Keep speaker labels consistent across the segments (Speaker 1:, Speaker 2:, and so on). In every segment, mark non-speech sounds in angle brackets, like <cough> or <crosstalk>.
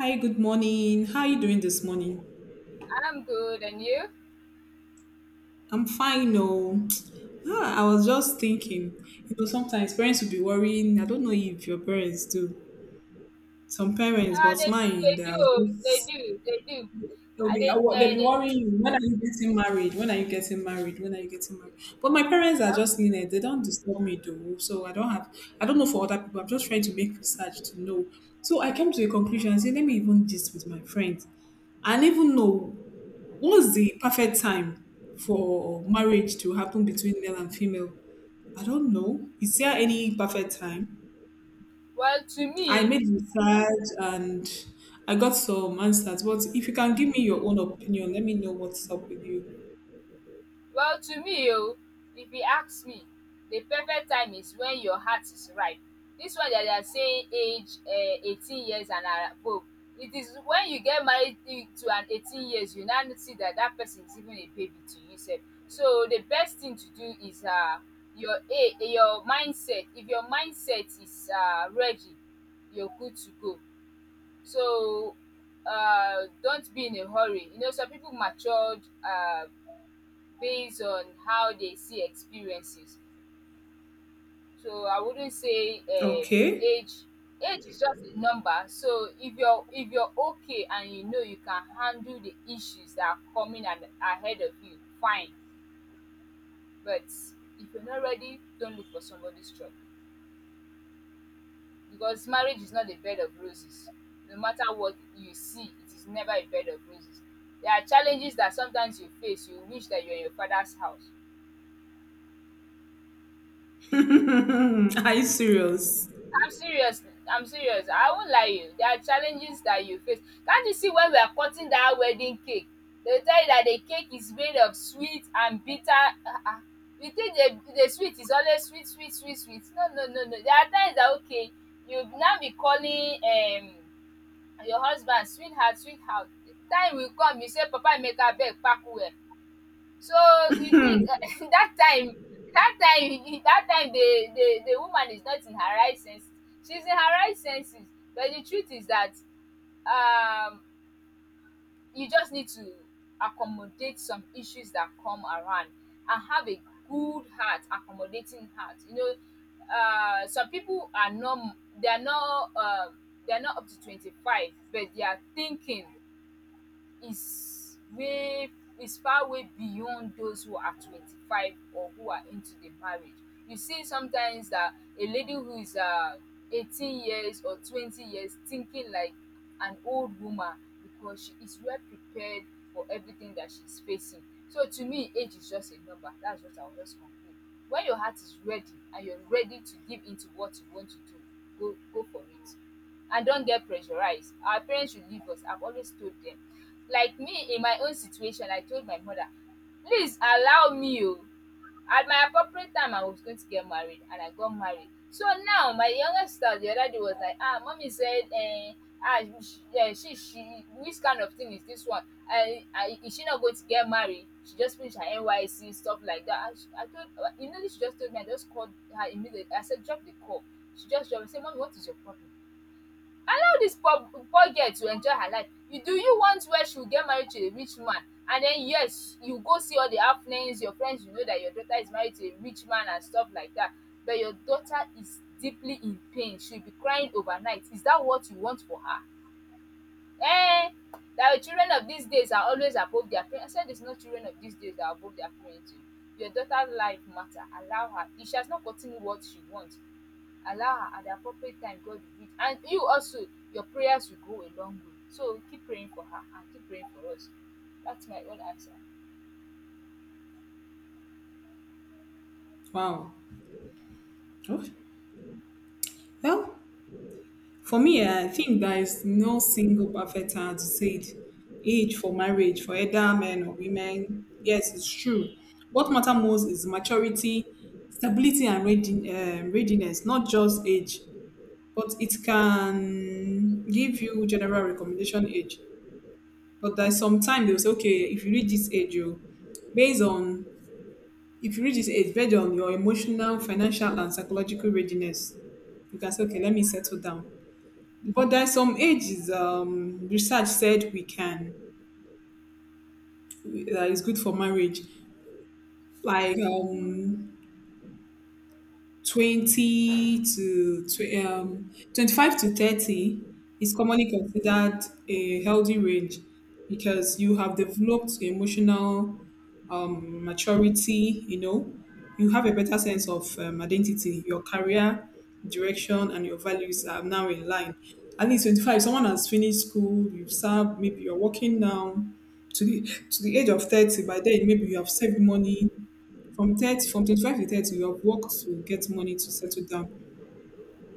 Speaker 1: Hi, good morning. How are you doing this morning?
Speaker 2: I'm good, and you?
Speaker 1: I'm fine, no. <tsk> I was just thinking, you know, sometimes parents will be worrying. I don't know if your parents do. Some parents, but mine,
Speaker 2: They
Speaker 1: they are
Speaker 2: do, they
Speaker 1: just
Speaker 2: do, they do.
Speaker 1: they'll be they'll be
Speaker 2: They
Speaker 1: worrying.
Speaker 2: do.
Speaker 1: When are you getting married? When are you getting married? When are you getting married? But my parents are just
Speaker 2: Um,
Speaker 1: lenient. They don't disturb me though, so I don't have. I don't know for other people. I'm just trying to make research to know. So I came to a conclusion and say, let me even gist with my friends. I did even know what's the perfect time for marriage to happen between male and female? I don't know. Is there any perfect time?
Speaker 2: well, to
Speaker 1: I
Speaker 2: me,
Speaker 1: made research and I got some answers. But if you can give me your own opinion, let me know what's up with you.
Speaker 2: Well to me, oh, if you ask me, the perfect time is when your heart is ripe. This one that they are saying age, 18 years and above. It is when you get married to an 18 years, you now see that that person is even a baby to you. So the best thing to do is, your mindset. If your mindset is ready, you're good to go. So don't be in a hurry. You know, some people matured, based on how they see experiences. So I wouldn't say,
Speaker 1: Okay.
Speaker 2: age. Age is just a number. So if you're okay, and you know you can handle the issues that are coming and ahead of you, fine. But if you're not ready, don't look for somebody's trouble, because marriage is not a bed of roses. No matter what you see, it is never a bed of roses. There are challenges that sometimes you face. You wish that you're in your father's house.
Speaker 1: <laughs> Are you serious?
Speaker 2: I'm serious. I'm serious. I won't lie you. There are challenges that you face. Can't you see when we are cutting that wedding cake? They tell you that the cake is made of sweet and bitter. Ah, ah. You think the sweet is always sweet, sweet, sweet, sweet. No, no, no, no. There are times that, okay, you now be calling, your husband, sweetheart, sweetheart. The time will come, you say, Papa, make her beg, pack well. So you think <laughs> that time, the woman is not in her right senses. She's in her right senses, but the truth is that, um you just need to accommodate some issues that come around and have a good heart, accommodating heart. You know, some people are not, they are not up to 25, but they are thinking is way, is far way beyond those who are 25, or who are into the marriage. You see sometimes that a lady who is, 18 years or 20 years, thinking like an old woman because she is well prepared for everything that she's facing. So to me, age is just a number. That's what I'll just conclude. When your heart is ready and you're ready to give into what you want to do, go for it. And don't get pressurized. Our parents should leave us. I've always told them, like me, in my own situation, I told my mother, please allow me o, at my appropriate time I was going to get married, and I got married. So now my younger sister, the other day, was like, ah, mommy said, eh, ah, she which kind of thing is this one? I is she not going to get married? She just finished her NYC, stuff like that. And I told immediately, she just told me, I just called her immediately, I said, drop the call. She just drop it, say, mommy, what is your problem? Allow dis poor poor girl to enjoy her life. Do you want where she will get married to a rich man, and then, yes, you go see all the happenings. Your friends, you know that your daughter is married to a rich man and stuff like that. But your daughter is deeply in pain. She'll be crying overnight. Is that what you want for her? Eh? That the children of these days are always above their parents. I said, it's not children of these days that are above their parents o. Your daughter life matter. Allow her. If she has not gotten what she wants, allow her at the appropriate time. God will meet, and you also, your prayers will go a long way. So keep praying for her and keep praying for us. That's my own answer.
Speaker 1: Wow. Oh, well, for me, I think there is no single perfect time to say it. Age for marriage, for either men or women. Yes, it's true. What matter most is maturity, stability, and readiness, not just age. But it can give you general recommendation age. But there's some time they'll say, okay, if you reach this age, you based on if you reach this age, based on your emotional, financial, and psychological readiness, you can say, okay, let me settle down. But there's some ages research said we can that is good for marriage, like 25 to 30 is commonly considered a healthy range because you have developed emotional maturity, you know, you have a better sense of identity, your career direction, and your values are now in line. At least 25, someone has finished school, you've served, maybe you're working now to to the age of 30. By then, maybe you have saved money. From 25 to 30, you have worked to get money to settle down.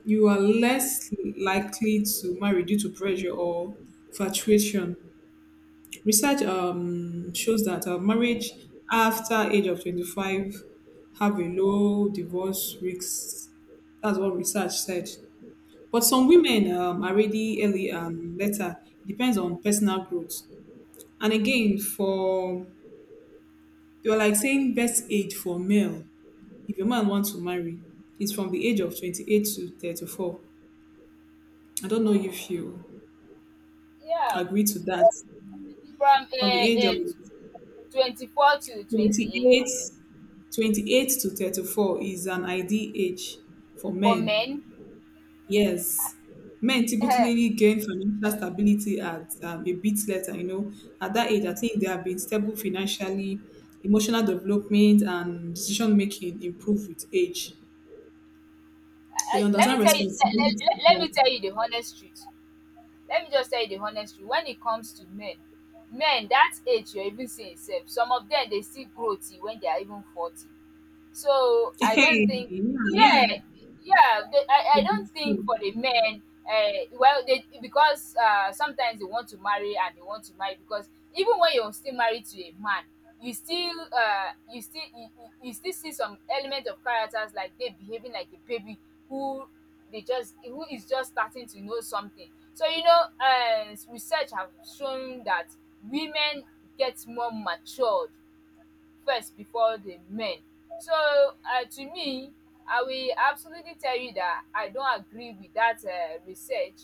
Speaker 1: You are less likely to marry due to pressure or fluctuation. Research shows that marriage after age of 25 have a low divorce risk. That's what research said. But some women are ready early and later. Depends on personal growth. And again, for they were like saying best age for male, if a man wants to marry, is from the age of 28 to 34. I don't know if you
Speaker 2: Yeah,
Speaker 1: agree to that.
Speaker 2: from
Speaker 1: From the age of
Speaker 2: 24 to
Speaker 1: Twenty
Speaker 2: 28
Speaker 1: eight, 28 to 34 is an ideal age for
Speaker 2: for
Speaker 1: men.
Speaker 2: men.
Speaker 1: Yes. Men
Speaker 2: <laughs> uh, uh,
Speaker 1: typically gain financial stability at a bit later, you know. At that age, I think they have been stable financially, emotional development, and decision making improve with age. They
Speaker 2: Let me
Speaker 1: understand
Speaker 2: tell you,
Speaker 1: responsibility
Speaker 2: let
Speaker 1: more.
Speaker 2: me
Speaker 1: <laughs>
Speaker 2: tell you the honest truth. Let me just tell you the honest truth when it comes to men. Men that age, you're even seeing sef, some of them they still grow when they are even 40. So I don't
Speaker 1: Hey,
Speaker 2: think.
Speaker 1: yeah,
Speaker 2: Yeah,
Speaker 1: yeah.
Speaker 2: yeah. I don't think for the men. uh, well, they, because sometimes they want to marry, and they want to marry, because even when you're still married to a man, you still you still you, you you still see some element of characters like they behaving like a baby, who they just who is just starting to know something. So you know, research have shown that women get more matured first before the men. So, to me, I will absolutely tell you that I don't agree with that research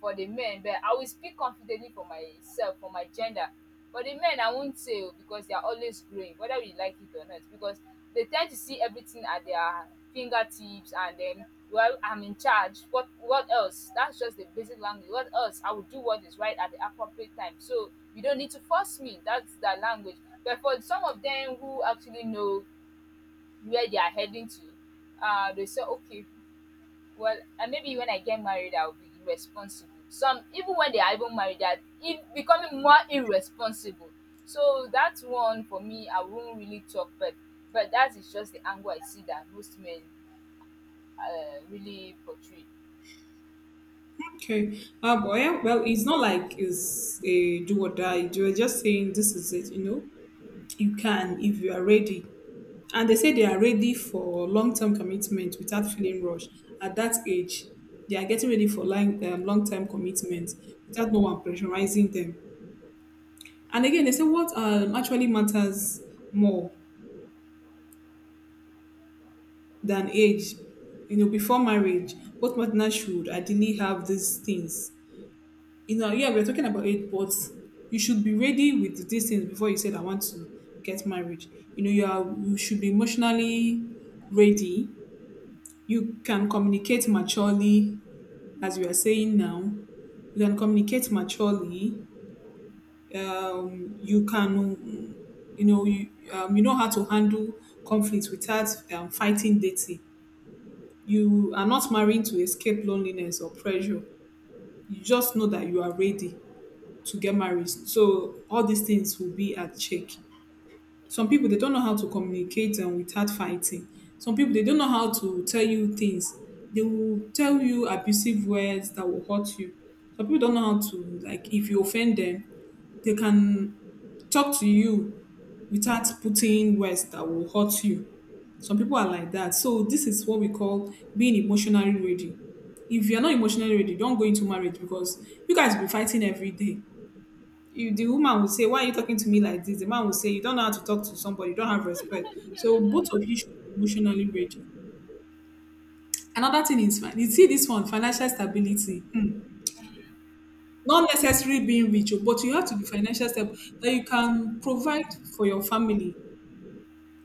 Speaker 2: for the men, but I will speak confidently for myself, for my gender. For the men, I won't say oh, because they are always growing, whether we like it or not, because they tend to see everything at their fingertips. And then, well, I'm in charge. What else? That's just the basic language. What else? I will do what is right at the appropriate time. So you don't need to force me. That's the language. But for some of them who actually know where they are heading to, they say, okay, well, maybe when I get married, I'll be responsible. Some, even when they are even married, they are becoming more irresponsible. So that's one for me, I won't really talk, but that is just the angle I see that most men, really portray.
Speaker 1: Okay. But yeah, well, it's not like it's a do or die. You're just saying this is it, you know. You can if you are ready. And they say they are ready for long term commitment without feeling rushed. At that age, they are getting ready for long term commitment without no one pressurizing them. And again, they say what actually matters more than age. You know, before marriage, both partners should ideally have these things. You know, yeah, we're talking about age, but you should be ready with these things before you said I want to get married. You know, you should be emotionally ready, you can communicate maturely, as we are saying now. You can communicate maturely. Um, you can, mm, you know, you know how to handle conflict without fighting dating. You are not marrying to escape loneliness or pressure. You just know that you are ready to get married. So all these things will be at check. Some people they don't know how to communicate without fighting. Some people they don't know how to tell you things. They will tell you abusive words that will hurt you. Some people don't know how to like if you offend them, they can talk to you without putting words that will hurt you. Some people are like that. So this is what we call being emotionally ready. If you're not emotionally ready, don't go into marriage because you guys will be fighting every day. You The woman would say, "Why are you talking to me like this?" The man would say, "You don't know how to talk to somebody, you don't have respect." So both of you should be emotionally ready. Another thing is fine. You see this one, financial stability. Hmm. Not necessarily being rich, oh, but you have to be financial stable that you can provide for your family.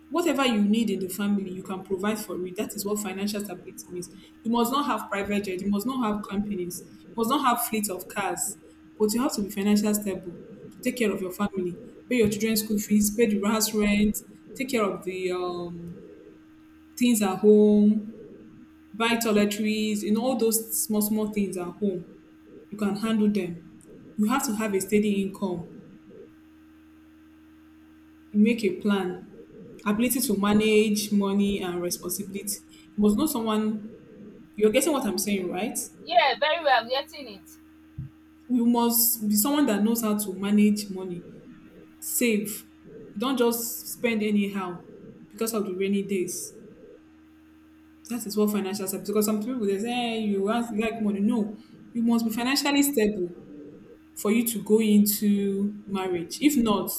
Speaker 1: Whatever you need in the family, you can provide for it. That is what financial stability means. You must not have private jet, you must not have companies, you must not have fleet of cars, but you have to be financially stable to take care of your family, pay your children's school fees, pay the house rent, take care of the things at home, buy toiletries, you know, all those small, small things at home. You can handle them. You have to have a steady income, you make a plan, ability to manage money and responsibility. You must know someone. You're getting what I'm saying, right?
Speaker 2: Yeah, very well, I'm getting it.
Speaker 1: You must be someone that knows how to manage money, save. Don't just spend anyhow because of the rainy days. That is what financial stability. Because some people they say, "Hey, you want like money." No, you must be financially stable for you to go into marriage. If not,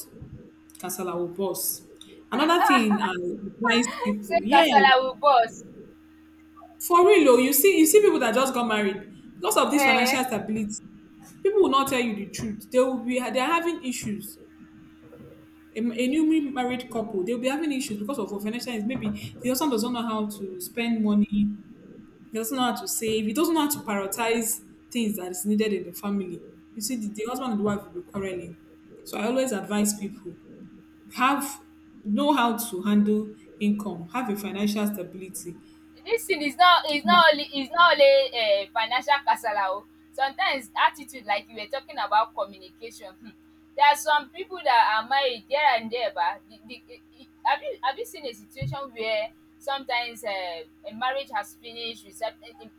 Speaker 1: casala will burst. Another thing I advise
Speaker 2: Say
Speaker 1: people, yes,
Speaker 2: Kasala will boss.
Speaker 1: for real oh, you see people that just got married, because of this
Speaker 2: Eh?
Speaker 1: financial stability, people will not tell you the truth. They will be they are having issues. A newly married couple, they'll be having issues because of financial is maybe the husband doesn't know how to spend money, he doesn't know how to save, he doesn't know how to prioritize things that is needed in the family. You see, the husband and the wife will be quarreling. So I always advise people have know how to handle income, have a financial stability.
Speaker 2: This thing
Speaker 1: Yeah.
Speaker 2: is not only, financial kasala, oh. Sometimes attitude, like you were talking about communication, there are some people that are married here and there ba, have you seen a situation where sometimes, a marriage has finished, recep um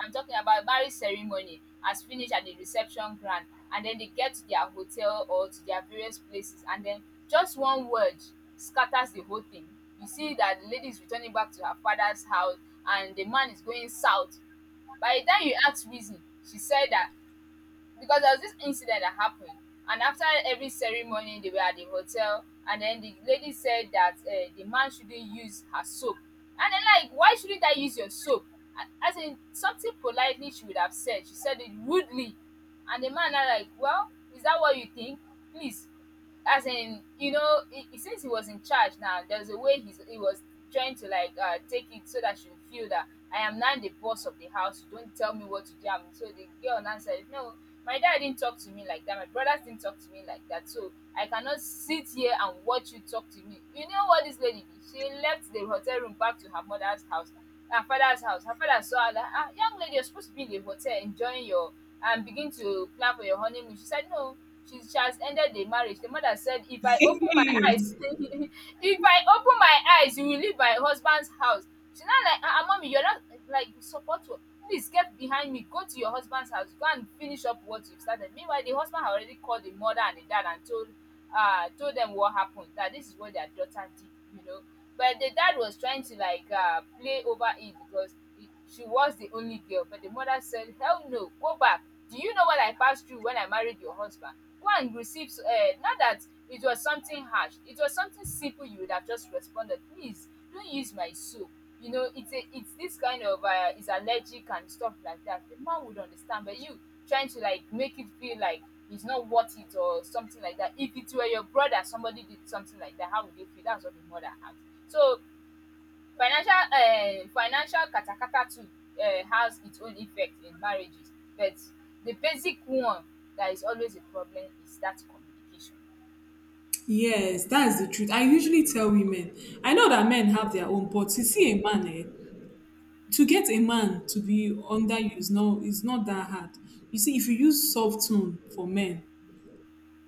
Speaker 2: I'm talking about marriage ceremony has finished at the reception ground, and then they get to their hotel or to their various places, and then just one word scatters the whole thing. You see that the lady is returning back to her father's house, and the man is going south. By the time you asked reason, she said that because there was this incident that happened, and after every ceremony they were at the hotel, and then the lady said that, the man shouldn't use her soap. And then, like, why shouldn't I use your soap? As in, something politely she would have said, she said it rudely. And the man are like, well, is that what you think? Please. As in, you know, since he was in charge now, there's a way he was trying to, like, take it, so that she would feel that, I am now the boss of the house, you don't tell me what to do. I mean, so the girl now said, no, my dad didn't talk to me like that. My brothers didn't talk to me like that. So I cannot sit here and watch you talk to me. You know what this lady did? She left the hotel room back to her mother's house, her father's house. Her father saw her like, ah, young lady, you're supposed to be in the hotel enjoying your, and begin to plan for your honeymoon. She said, no. She has ended the marriage. The mother said, if I open my eyes, <laughs>
Speaker 1: <laughs>
Speaker 2: if I open my eyes, you will leave my husband's house. She's not like, mommy, you're not like support. Please get behind me, go to your husband's house. Go and finish up what you've started. Meanwhile, the husband had already called the mother and the dad and told told them what happened, that this is what their daughter did, you know. But the dad was trying to like play over it because she was the only girl. But the mother said, hell no, go back. Do you know what I passed through when I married your husband? Go and receive not that it was something harsh. It was something simple. You would have just responded, please don't use my soul, you know. It's this kind of is allergic and stuff like that. The man would understand. But you trying to like make it feel like it's not worth it or something like that. If it were your brother, somebody did something like that, how would you feel? That's what the mother asked. So financial financial katakata too, has its own effect in marriages. But the basic one that is always a problem is that communication.
Speaker 1: Yes, that's the truth. I usually tell women, I know that men have their own, but you see a man, eh, to get a man to be under you is no, is not that hard. You see, if you use soft tone for men,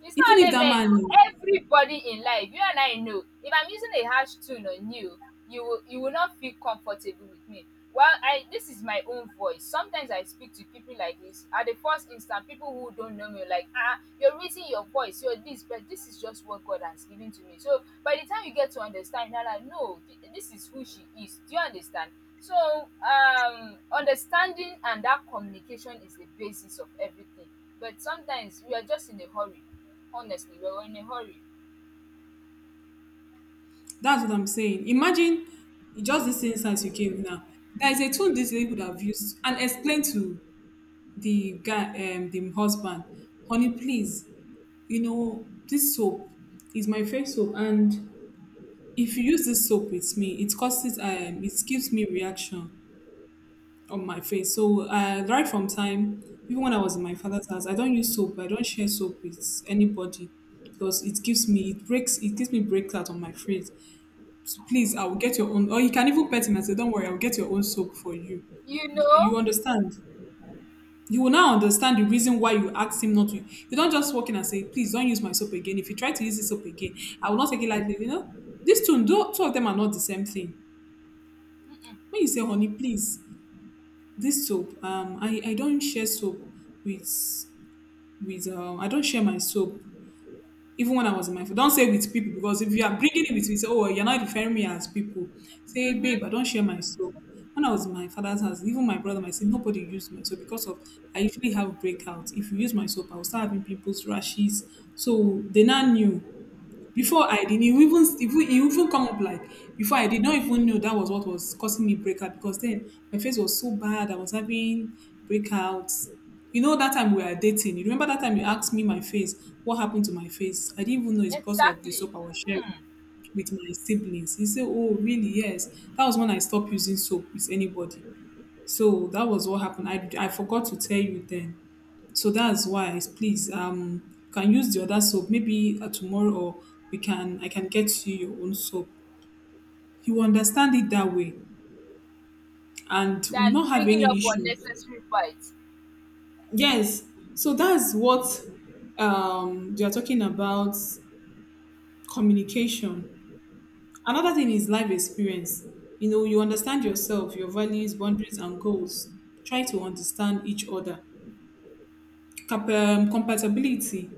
Speaker 2: It's not
Speaker 1: even if
Speaker 2: only
Speaker 1: that
Speaker 2: men
Speaker 1: man,
Speaker 2: oh, everybody in life, you and I know. If I'm using a harsh tone on you will you will not feel comfortable with me. Well, I this is my own voice. Sometimes I speak to people like this. At the first instant, people who don't know me are like, ah, you're raising your voice, you're this, but this is just what God has given to me. So by the time you get to understand, you're like, no, this is who she is. Do you understand? So, understanding and that communication is the basis of everything. But sometimes we are just in a hurry. Honestly, we're in a hurry.
Speaker 1: that's what I'm saying. Imagine just this instance you gave now. There is a tone this lady would have used and explained to the guy, the husband, honey, please, you know, this soap is my first soap and if you use this soap with me, it causes it gives me reaction on my face. So right from time, even when I was in my father's house, I don't use soap. I don't share soap with anybody because it breaks it gives me breakout on my face. So please, I will get your own. Or you can even pet him and say, "Don't worry, I will get your own soap for you."
Speaker 2: You know?
Speaker 1: You understand? You will now understand the reason why you asked him not to. You don't just walk in and say, "Please don't use my soap again. If you try to use this soap again, I will not take it lightly." You know, these two, two of them are not the same thing. When you say, "Honey, please, this soap, I don't share soap with with I don't share my soap even when I was in my" — don't say "with people" because if you are bringing it with me, say, "Oh, you're not referring me as people." Say, "Babe,
Speaker 2: Mm-hmm.
Speaker 1: I don't share my soap. When I was in my father's house, even my brother, I said nobody used my soap because of I usually have breakouts. If you use my soap, I will start having pimples, rashes." So they now knew before. I didn't you even even it even come up like Before I did not even know that was what was causing me breakout, because then my face was so bad. I was having breakouts. You know that time we were dating. You remember that time you asked me my face, what happened to my face? I didn't even know it's because of the
Speaker 2: Exactly.
Speaker 1: soap I was sharing
Speaker 2: Hmm.
Speaker 1: with my siblings. He said, "Oh, really? Yes." That was when I stopped using soap with anybody. So that was what happened. I forgot to tell you then. So that's why, please, can use the other soap maybe tomorrow, or we can I can get you your own soap. You understand it that way, and we will
Speaker 2: Than
Speaker 1: not have
Speaker 2: bringing
Speaker 1: any
Speaker 2: up
Speaker 1: issue.
Speaker 2: unnecessary fights.
Speaker 1: Yes, so that's what they are talking about communication. Another thing is life experience. You know, you understand yourself, your values, boundaries, and goals. Try to understand each other. Compatibility.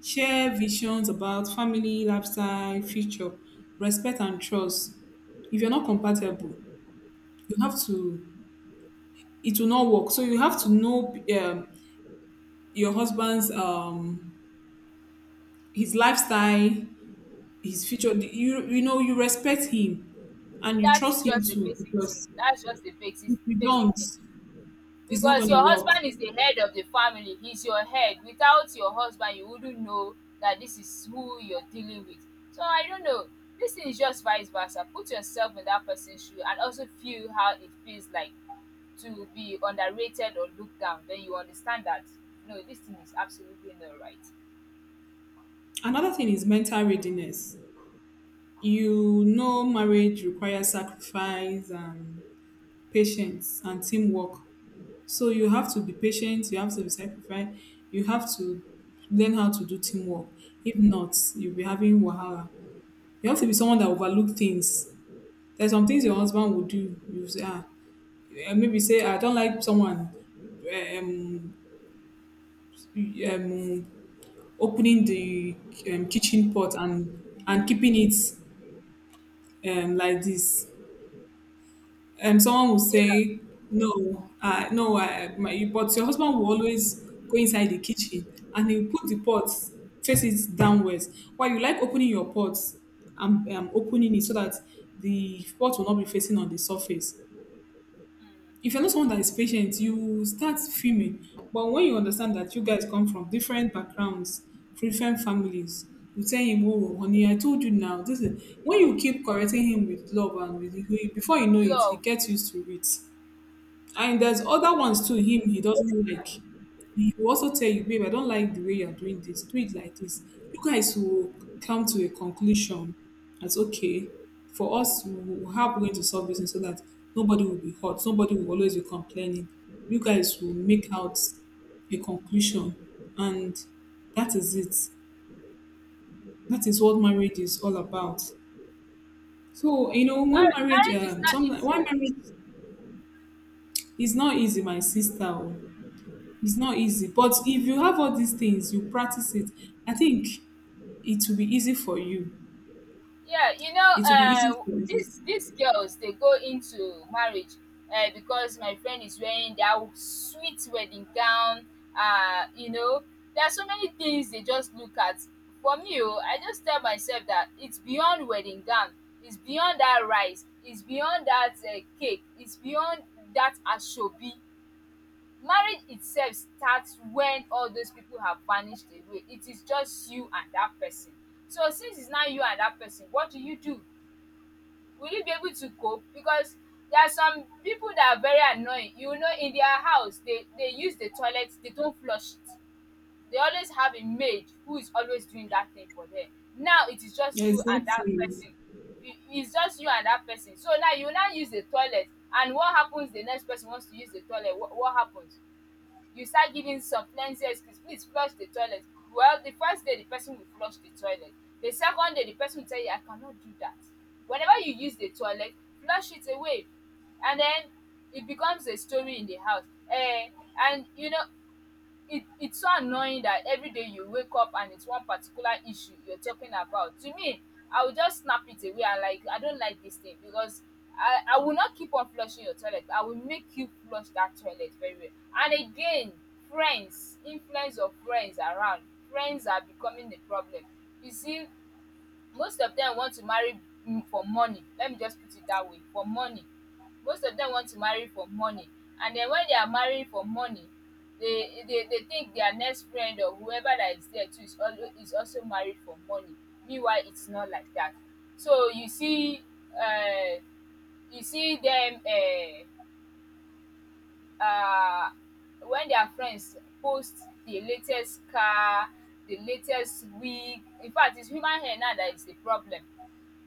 Speaker 1: Share visions about family, lifestyle, future, respect and trust. If you're not compatible, you have to. It will not work. So you have to know um, your husband's his lifestyle, his future. You know you respect him, and you
Speaker 2: That's
Speaker 1: trust him
Speaker 2: just the
Speaker 1: too
Speaker 2: basic thing.
Speaker 1: because
Speaker 2: That's just the basic
Speaker 1: if you
Speaker 2: basic
Speaker 1: don't,
Speaker 2: thing.
Speaker 1: it's not
Speaker 2: Because
Speaker 1: going to
Speaker 2: your
Speaker 1: work.
Speaker 2: husband is the head of the family, he's your head. Without your husband, you wouldn't know that this is who you're dealing with. So I don't know. This thing is just vice versa. Put yourself in that person's shoe and also feel how it feels like to be underrated or looked down. Then you understand that no, this thing is absolutely not right.
Speaker 1: Another thing is mental readiness. You know, marriage requires sacrifice and patience and teamwork. So you have to be patient, you have to be sacrificed, you have to learn how to do teamwork. If not, you'll be having wahala. You have to be someone that overlook things. There's some things your husband will do. You say, maybe say, I don't like someone um, um, opening the kitchen pot and keeping it like this, someone will
Speaker 2: Yeah.
Speaker 1: say, "No, no, my." But your husband will always go inside the kitchen and he will put the pot face it downwards. Why you like opening your pot and opening it so that the pot will not be facing on the surface.
Speaker 2: Mm.
Speaker 1: If you're not someone that is patient, you start fuming. But when you understand that you guys come from different backgrounds, different families, you tell him, "Oh, honey, I told you now." This is when you keep correcting him with love and with before you know it, he
Speaker 2: Love.
Speaker 1: gets used to it. And there's other ones too, him he doesn't like. He will also tell you, babe, I don't like the way you're doing this. Do it like this. You guys will come to a conclusion that's okay. For us, how we're going to solve this and so that nobody will be hurt, nobody will always be complaining. You guys will make out a conclusion and that is it. That is what marriage is all about. So, you know, when
Speaker 2: Mar-
Speaker 1: marriage
Speaker 2: marriage is not
Speaker 1: sometimes
Speaker 2: easy.
Speaker 1: why marriage is not easy, my sister. Oh. It's not easy. But if you have all these things, you practice it, I think it will be easy for you.
Speaker 2: Yeah, you know,
Speaker 1: It will be easy for you.
Speaker 2: these girls, they go into marriage because my friend is wearing that sweet wedding gown, you know, there are so many things they just look at. For me, oh, I just tell myself that it's beyond wedding gown. It's beyond that rice. It's beyond that cake. It's beyond that asoebi. Marriage itself starts when all those people have vanished away. It is just you and that person. So since it's now you and that person, what do you do? Will you be able to cope? Because there are some people that are very annoying, you know. In their house, they use the toilet, they don't flush it. They always have a maid who is always doing that thing for them. Now it is just you and that
Speaker 1: Exactly.
Speaker 2: person. It is just you and that person. So now you now use the toilet, and what happens? The next person wants to use the toilet. What happens? You start giving some plenty excuse, please flush the toilet. Well, the first day, the person will flush the toilet. The second day, the person will tell you, I cannot do that. Whenever you use the toilet, flush it away. And then it becomes a story in the house. Eh. And you know, it's so annoying that every day you wake up and it's one particular issue you're talking about. To me, I will just snap it away. I don't like this thing because I will not keep on flushing your toilet. I will make you flush that toilet very well. And again, friends, influence of friends around. Friends are becoming the problem. You see, most of them want to marry, mm, for money. Let me just put it that way, for money. Most of them want to marry for money. And then when they are marrying for money, they think their next friend or whoever that is there too is also married for money. Meanwhile, it's not like that. So you see, uh, you see them, uh, when their friends post the latest car, the latest wig. In fact, it's human hair now, that is the problem.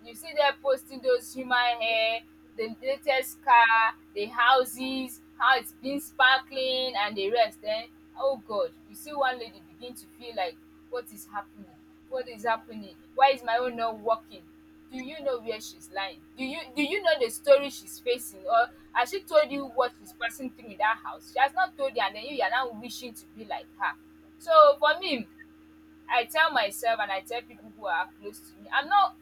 Speaker 2: You see them posting those human hair, the latest car, the houses, how it's been sparkling and the rest. Then, oh God, you see one lady begin to feel like, what is happening? What is happening? Why is my own not working? Do you know where she's lying? Do you know the story she's facing? Or has she told you what she's passing through in that house? She has not told you, and then you are now wishing to be like her. So for me, I tell myself and I tell people who are close to me, I'm not,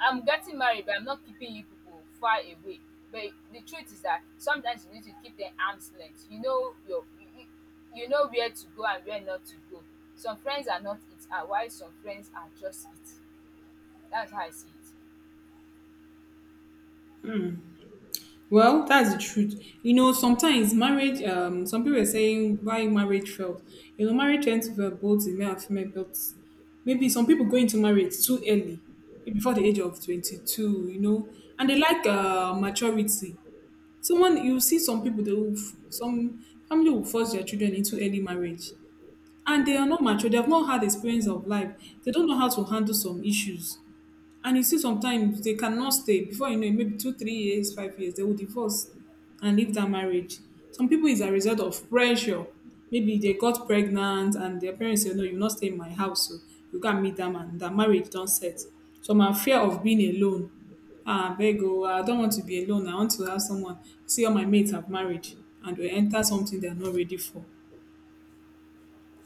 Speaker 2: I'm getting married, but I'm not keeping you people far away. But the truth is that sometimes you need to keep them arm's length. You, you know where to go and where not to go. Some friends are not it, and while some friends are just it. That's how I see it.
Speaker 1: Well, that's the truth. You know, sometimes marriage, some people are saying why marriage failed. You know, marriage tends to fail both in male and female, but maybe some people go into marriage too early, maybe before the age of 22, you know, and they like maturity. Someone, you see some people, some family will force their children into early marriage. And they are not mature, they have not had experience of life, they don't know how to handle some issues. And you see sometimes they cannot stay. Before you know it, maybe 2 3 years, 5 years, they will divorce and leave that marriage. Some people is a result of pressure. Maybe they got pregnant and their parents say, no, you will not stay in my house, so you can't meet that man, that marriage don't set. Some are fear of being alone. Ah, bego. I don't want to be alone, I want to have someone. See, all my mates have marriage, and they enter something they're not ready for.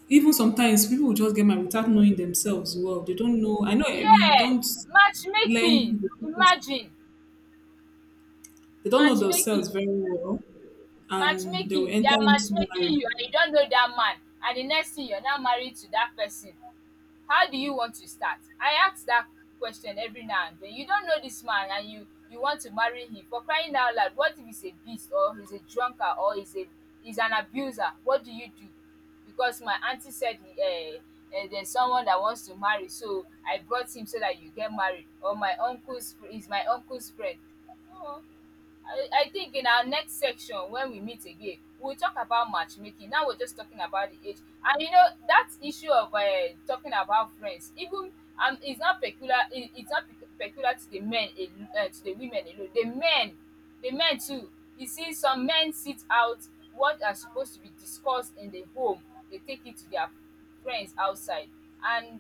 Speaker 1: Even sometimes people will just get married without knowing themselves well. They don't know. I know if you
Speaker 2: Yeah,
Speaker 1: don't
Speaker 2: matchmaking.
Speaker 1: learn.
Speaker 2: Imagine
Speaker 1: They don't know themselves
Speaker 2: matchmaking,
Speaker 1: very well, and they will
Speaker 2: matchmaking. They
Speaker 1: enter
Speaker 2: are
Speaker 1: into
Speaker 2: matchmaking
Speaker 1: marriage.
Speaker 2: you, and you don't know that man. And the next thing, you're now married to that person. How do you want to start? I ask dat question every now and then. You don know dis man, and you want to marry him, for crying out loud. What if he's a beast or he's a drunkard or he's an abuser? What do you do? Because my aunty said, he there's someone that wants to marry, so I brought him so that you get married. Or my uncle's he's my uncle's friend. um I think in our next section when we meet again we'll talk about matchmaking. Now we're just talking about the age. And you know that issue of, talking about friends. Even, it's not peculiar, it, it's not pe- peculiar to the to the women alone. The men, too. You see some men sit out what are supposed to be discussed in the home. They take it to their friends outside. And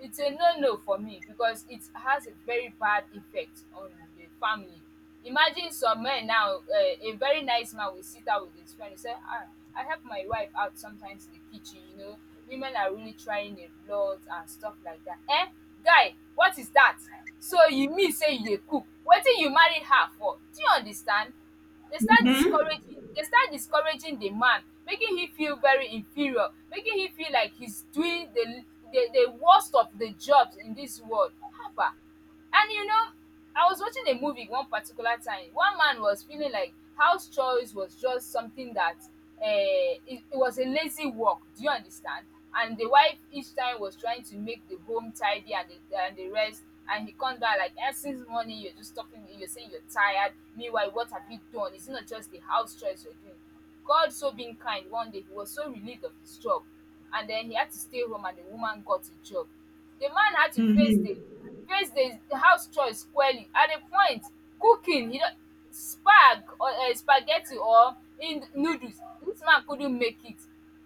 Speaker 2: it's a no no for me because it has a very bad effect on the family. Imagine some men now, a very nice man will sit out with his friend and say, ah, I help my wife out sometimes in the kitchen, you know. Women are really trying a lot and stuff like that. Eh? Guy, what is that? So you mean say you dey cook? Wetin you marry her for? Do you understand? They start discouraging the man, making him feel very inferior, making him feel like he's doing the worst of the jobs in this world. Haba! And you know, I was watching a movie one particular time. One man was feeling like house chores was just something that, it was a lazy work. Do you understand? And the wife each time was trying to make the home tidy and and the rest. And he comes back like, eh, since morning you're just talking, you're saying you're tired, meanwhile what have you done? It's not just the house chores you're doing. God, so being kind, one day he was so relieved of his job. And then he had to stay home and the woman got a job. The man had to face the house chores squarely. At a point, cooking, you know, spag or spaghetti or in noodles, this man couldn't make it.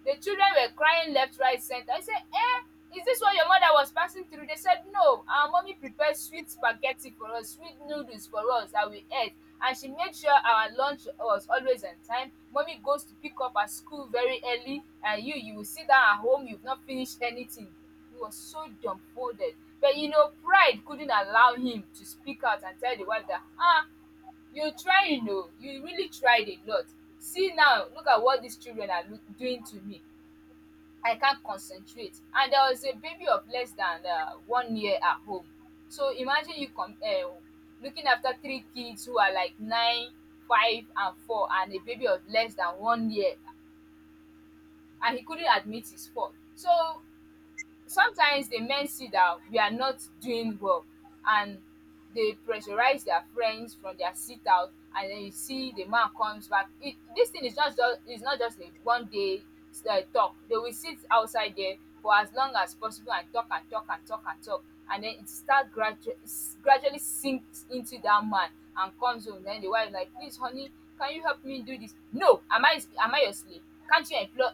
Speaker 2: The children were crying left, right, center. I said, eh, is this what your mother was passing through? They said, no, our mommy prepared sweet spaghetti for us, sweet noodles for us, that we ate. And she made sure our lunch was always on time. Mommy goes to pick up at school very early, and you will sit down at home, you've not finished anything. He was so dumbfounded. But you know, pride couldn't allow him to speak out and tell the wife that, ah, you try, you know, you really tried a lot. See now, look at what these children are doing to me. I can't concentrate. And there was a baby of less than, one year at home. So imagine you looking after three kids who are like nine, five, and four, and a baby of less than one year. And he couldn't admit his fault. So sometimes the men see that we are not doing well, and they pressurize their friends from their sit out. And then you see the man comes back. It This thing is just is not just a one day talk. They will sit outside there for as long as possible and talk and talk and talk and talk. And then it start gradually, gradually sinks into that man, and comes home. Then the wife like, please honey, can you help me do this? No, am I your slave? Can't you employ?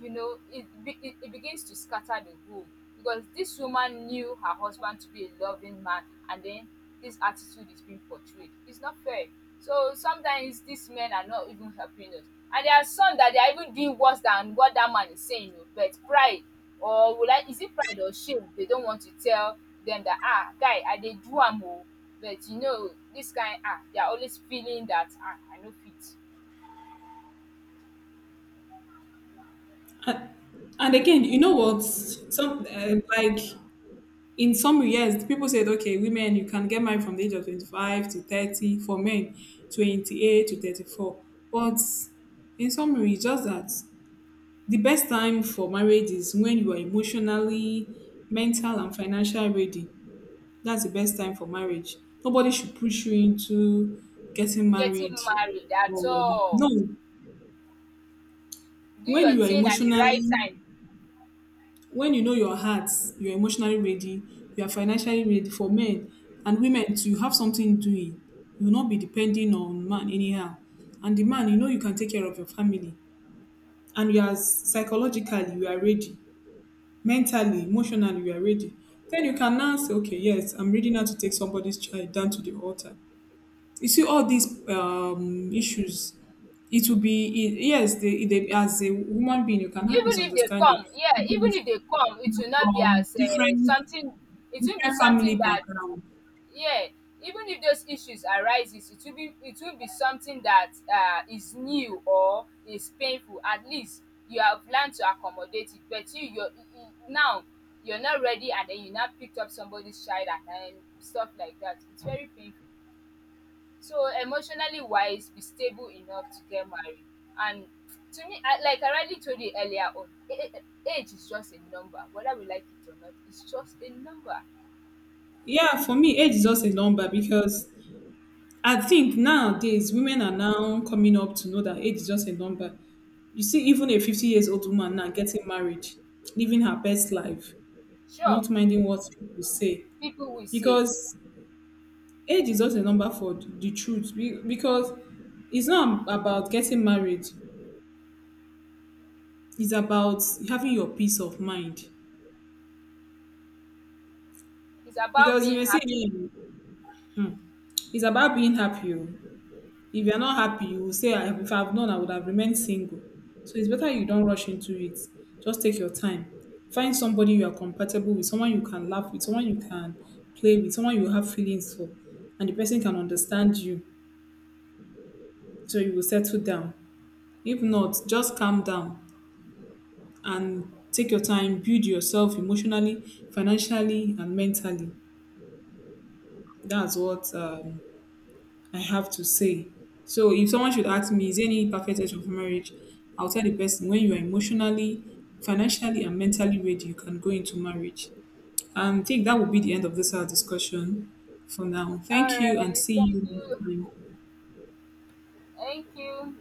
Speaker 2: You know, it begins to scatter the home because this woman knew her husband to be a loving man. And then this attitude is being portrayed. It's not fair. So sometimes these men are not even helping us. And there are some that they are even doing worse than what that man is saying. Oh, but pride, or will I is it pride or shame? They don't want to tell them that, ah, guy, I dey do am oh. But you know, this kind, ah, they are always feeling that, ah, I no fit.
Speaker 1: And, and again, you know what? Some like in some years, people said, okay, women you can get married from the age of 25 to 30. For men, 28 to 34. But in summary, it's just that the best time for marriage is when you are emotionally, mental, and financial ready. That's the best time for marriage. Nobody should push you into getting
Speaker 2: Getting
Speaker 1: married.
Speaker 2: married at
Speaker 1: Or,
Speaker 2: all.
Speaker 1: no,
Speaker 2: Do
Speaker 1: when
Speaker 2: your
Speaker 1: you are
Speaker 2: thing at the right
Speaker 1: emotionally,
Speaker 2: time.
Speaker 1: when you know your heart, you're emotionally ready, you are financially ready for men and women too. You have something doing. You will not be depending on man anyhow. And the man, you know you can take care of your family. And you are psychologically, you are ready. Mentally, emotionally, you are ready. Then you can now say, okay, yes, I'm ready now to take somebody's child down to the altar. You see all these issues, it will be yes, they, as a human being you can have
Speaker 2: Even if they
Speaker 1: misunderstanding,
Speaker 2: come, yeah, even
Speaker 1: because
Speaker 2: if they come, it
Speaker 1: you're
Speaker 2: will not be
Speaker 1: from
Speaker 2: as
Speaker 1: different
Speaker 2: something. It will be
Speaker 1: different
Speaker 2: something
Speaker 1: family
Speaker 2: that,
Speaker 1: background.
Speaker 2: yeah, even if those issues arises, it will be something that, is new or is painful. At least you have learned to accommodate it. But you you're you- you- now you're not ready and then you now picked up somebody's child and stuff like that. It's very painful. So emotionally wise, be stable enough to get married. And to me, like I already told you earlier on, age is just a number. Whether we like it or not, it's just a number.
Speaker 1: Yeah, for me age is just a number, because I think nowadays women are now coming up to know that age is just a number. You see even a 50 years old woman now getting married, living her best life,
Speaker 2: Sure,
Speaker 1: not minding what people say,
Speaker 2: people will say,
Speaker 1: because age is just a number. The truth because it's not about getting married, it's about having your peace of mind.
Speaker 2: it's about
Speaker 1: Because if
Speaker 2: being
Speaker 1: you say,
Speaker 2: happy.
Speaker 1: "Hmm, it's about being happy oh." If you're not happy you will say, If I've known I would have remained single." So it's better you don't rush into it. Just take your time, find somebody you are compatible with, someone you can laugh with, someone you can play with, someone you have feelings for, and the person can understand you, so you will settle down. If not, just calm down and take your time, build yourself emotionally, financially, and mentally. That's what I have to say. So, if someone should ask me, is there any perfect age of marriage? I'll tell the person, when you are emotionally, financially, and mentally ready, you can go into marriage. And I think that will be the end of this our discussion for now.
Speaker 2: All
Speaker 1: Thank you and
Speaker 2: right,
Speaker 1: see
Speaker 2: thank
Speaker 1: you
Speaker 2: you,
Speaker 1: next time.
Speaker 2: thank you.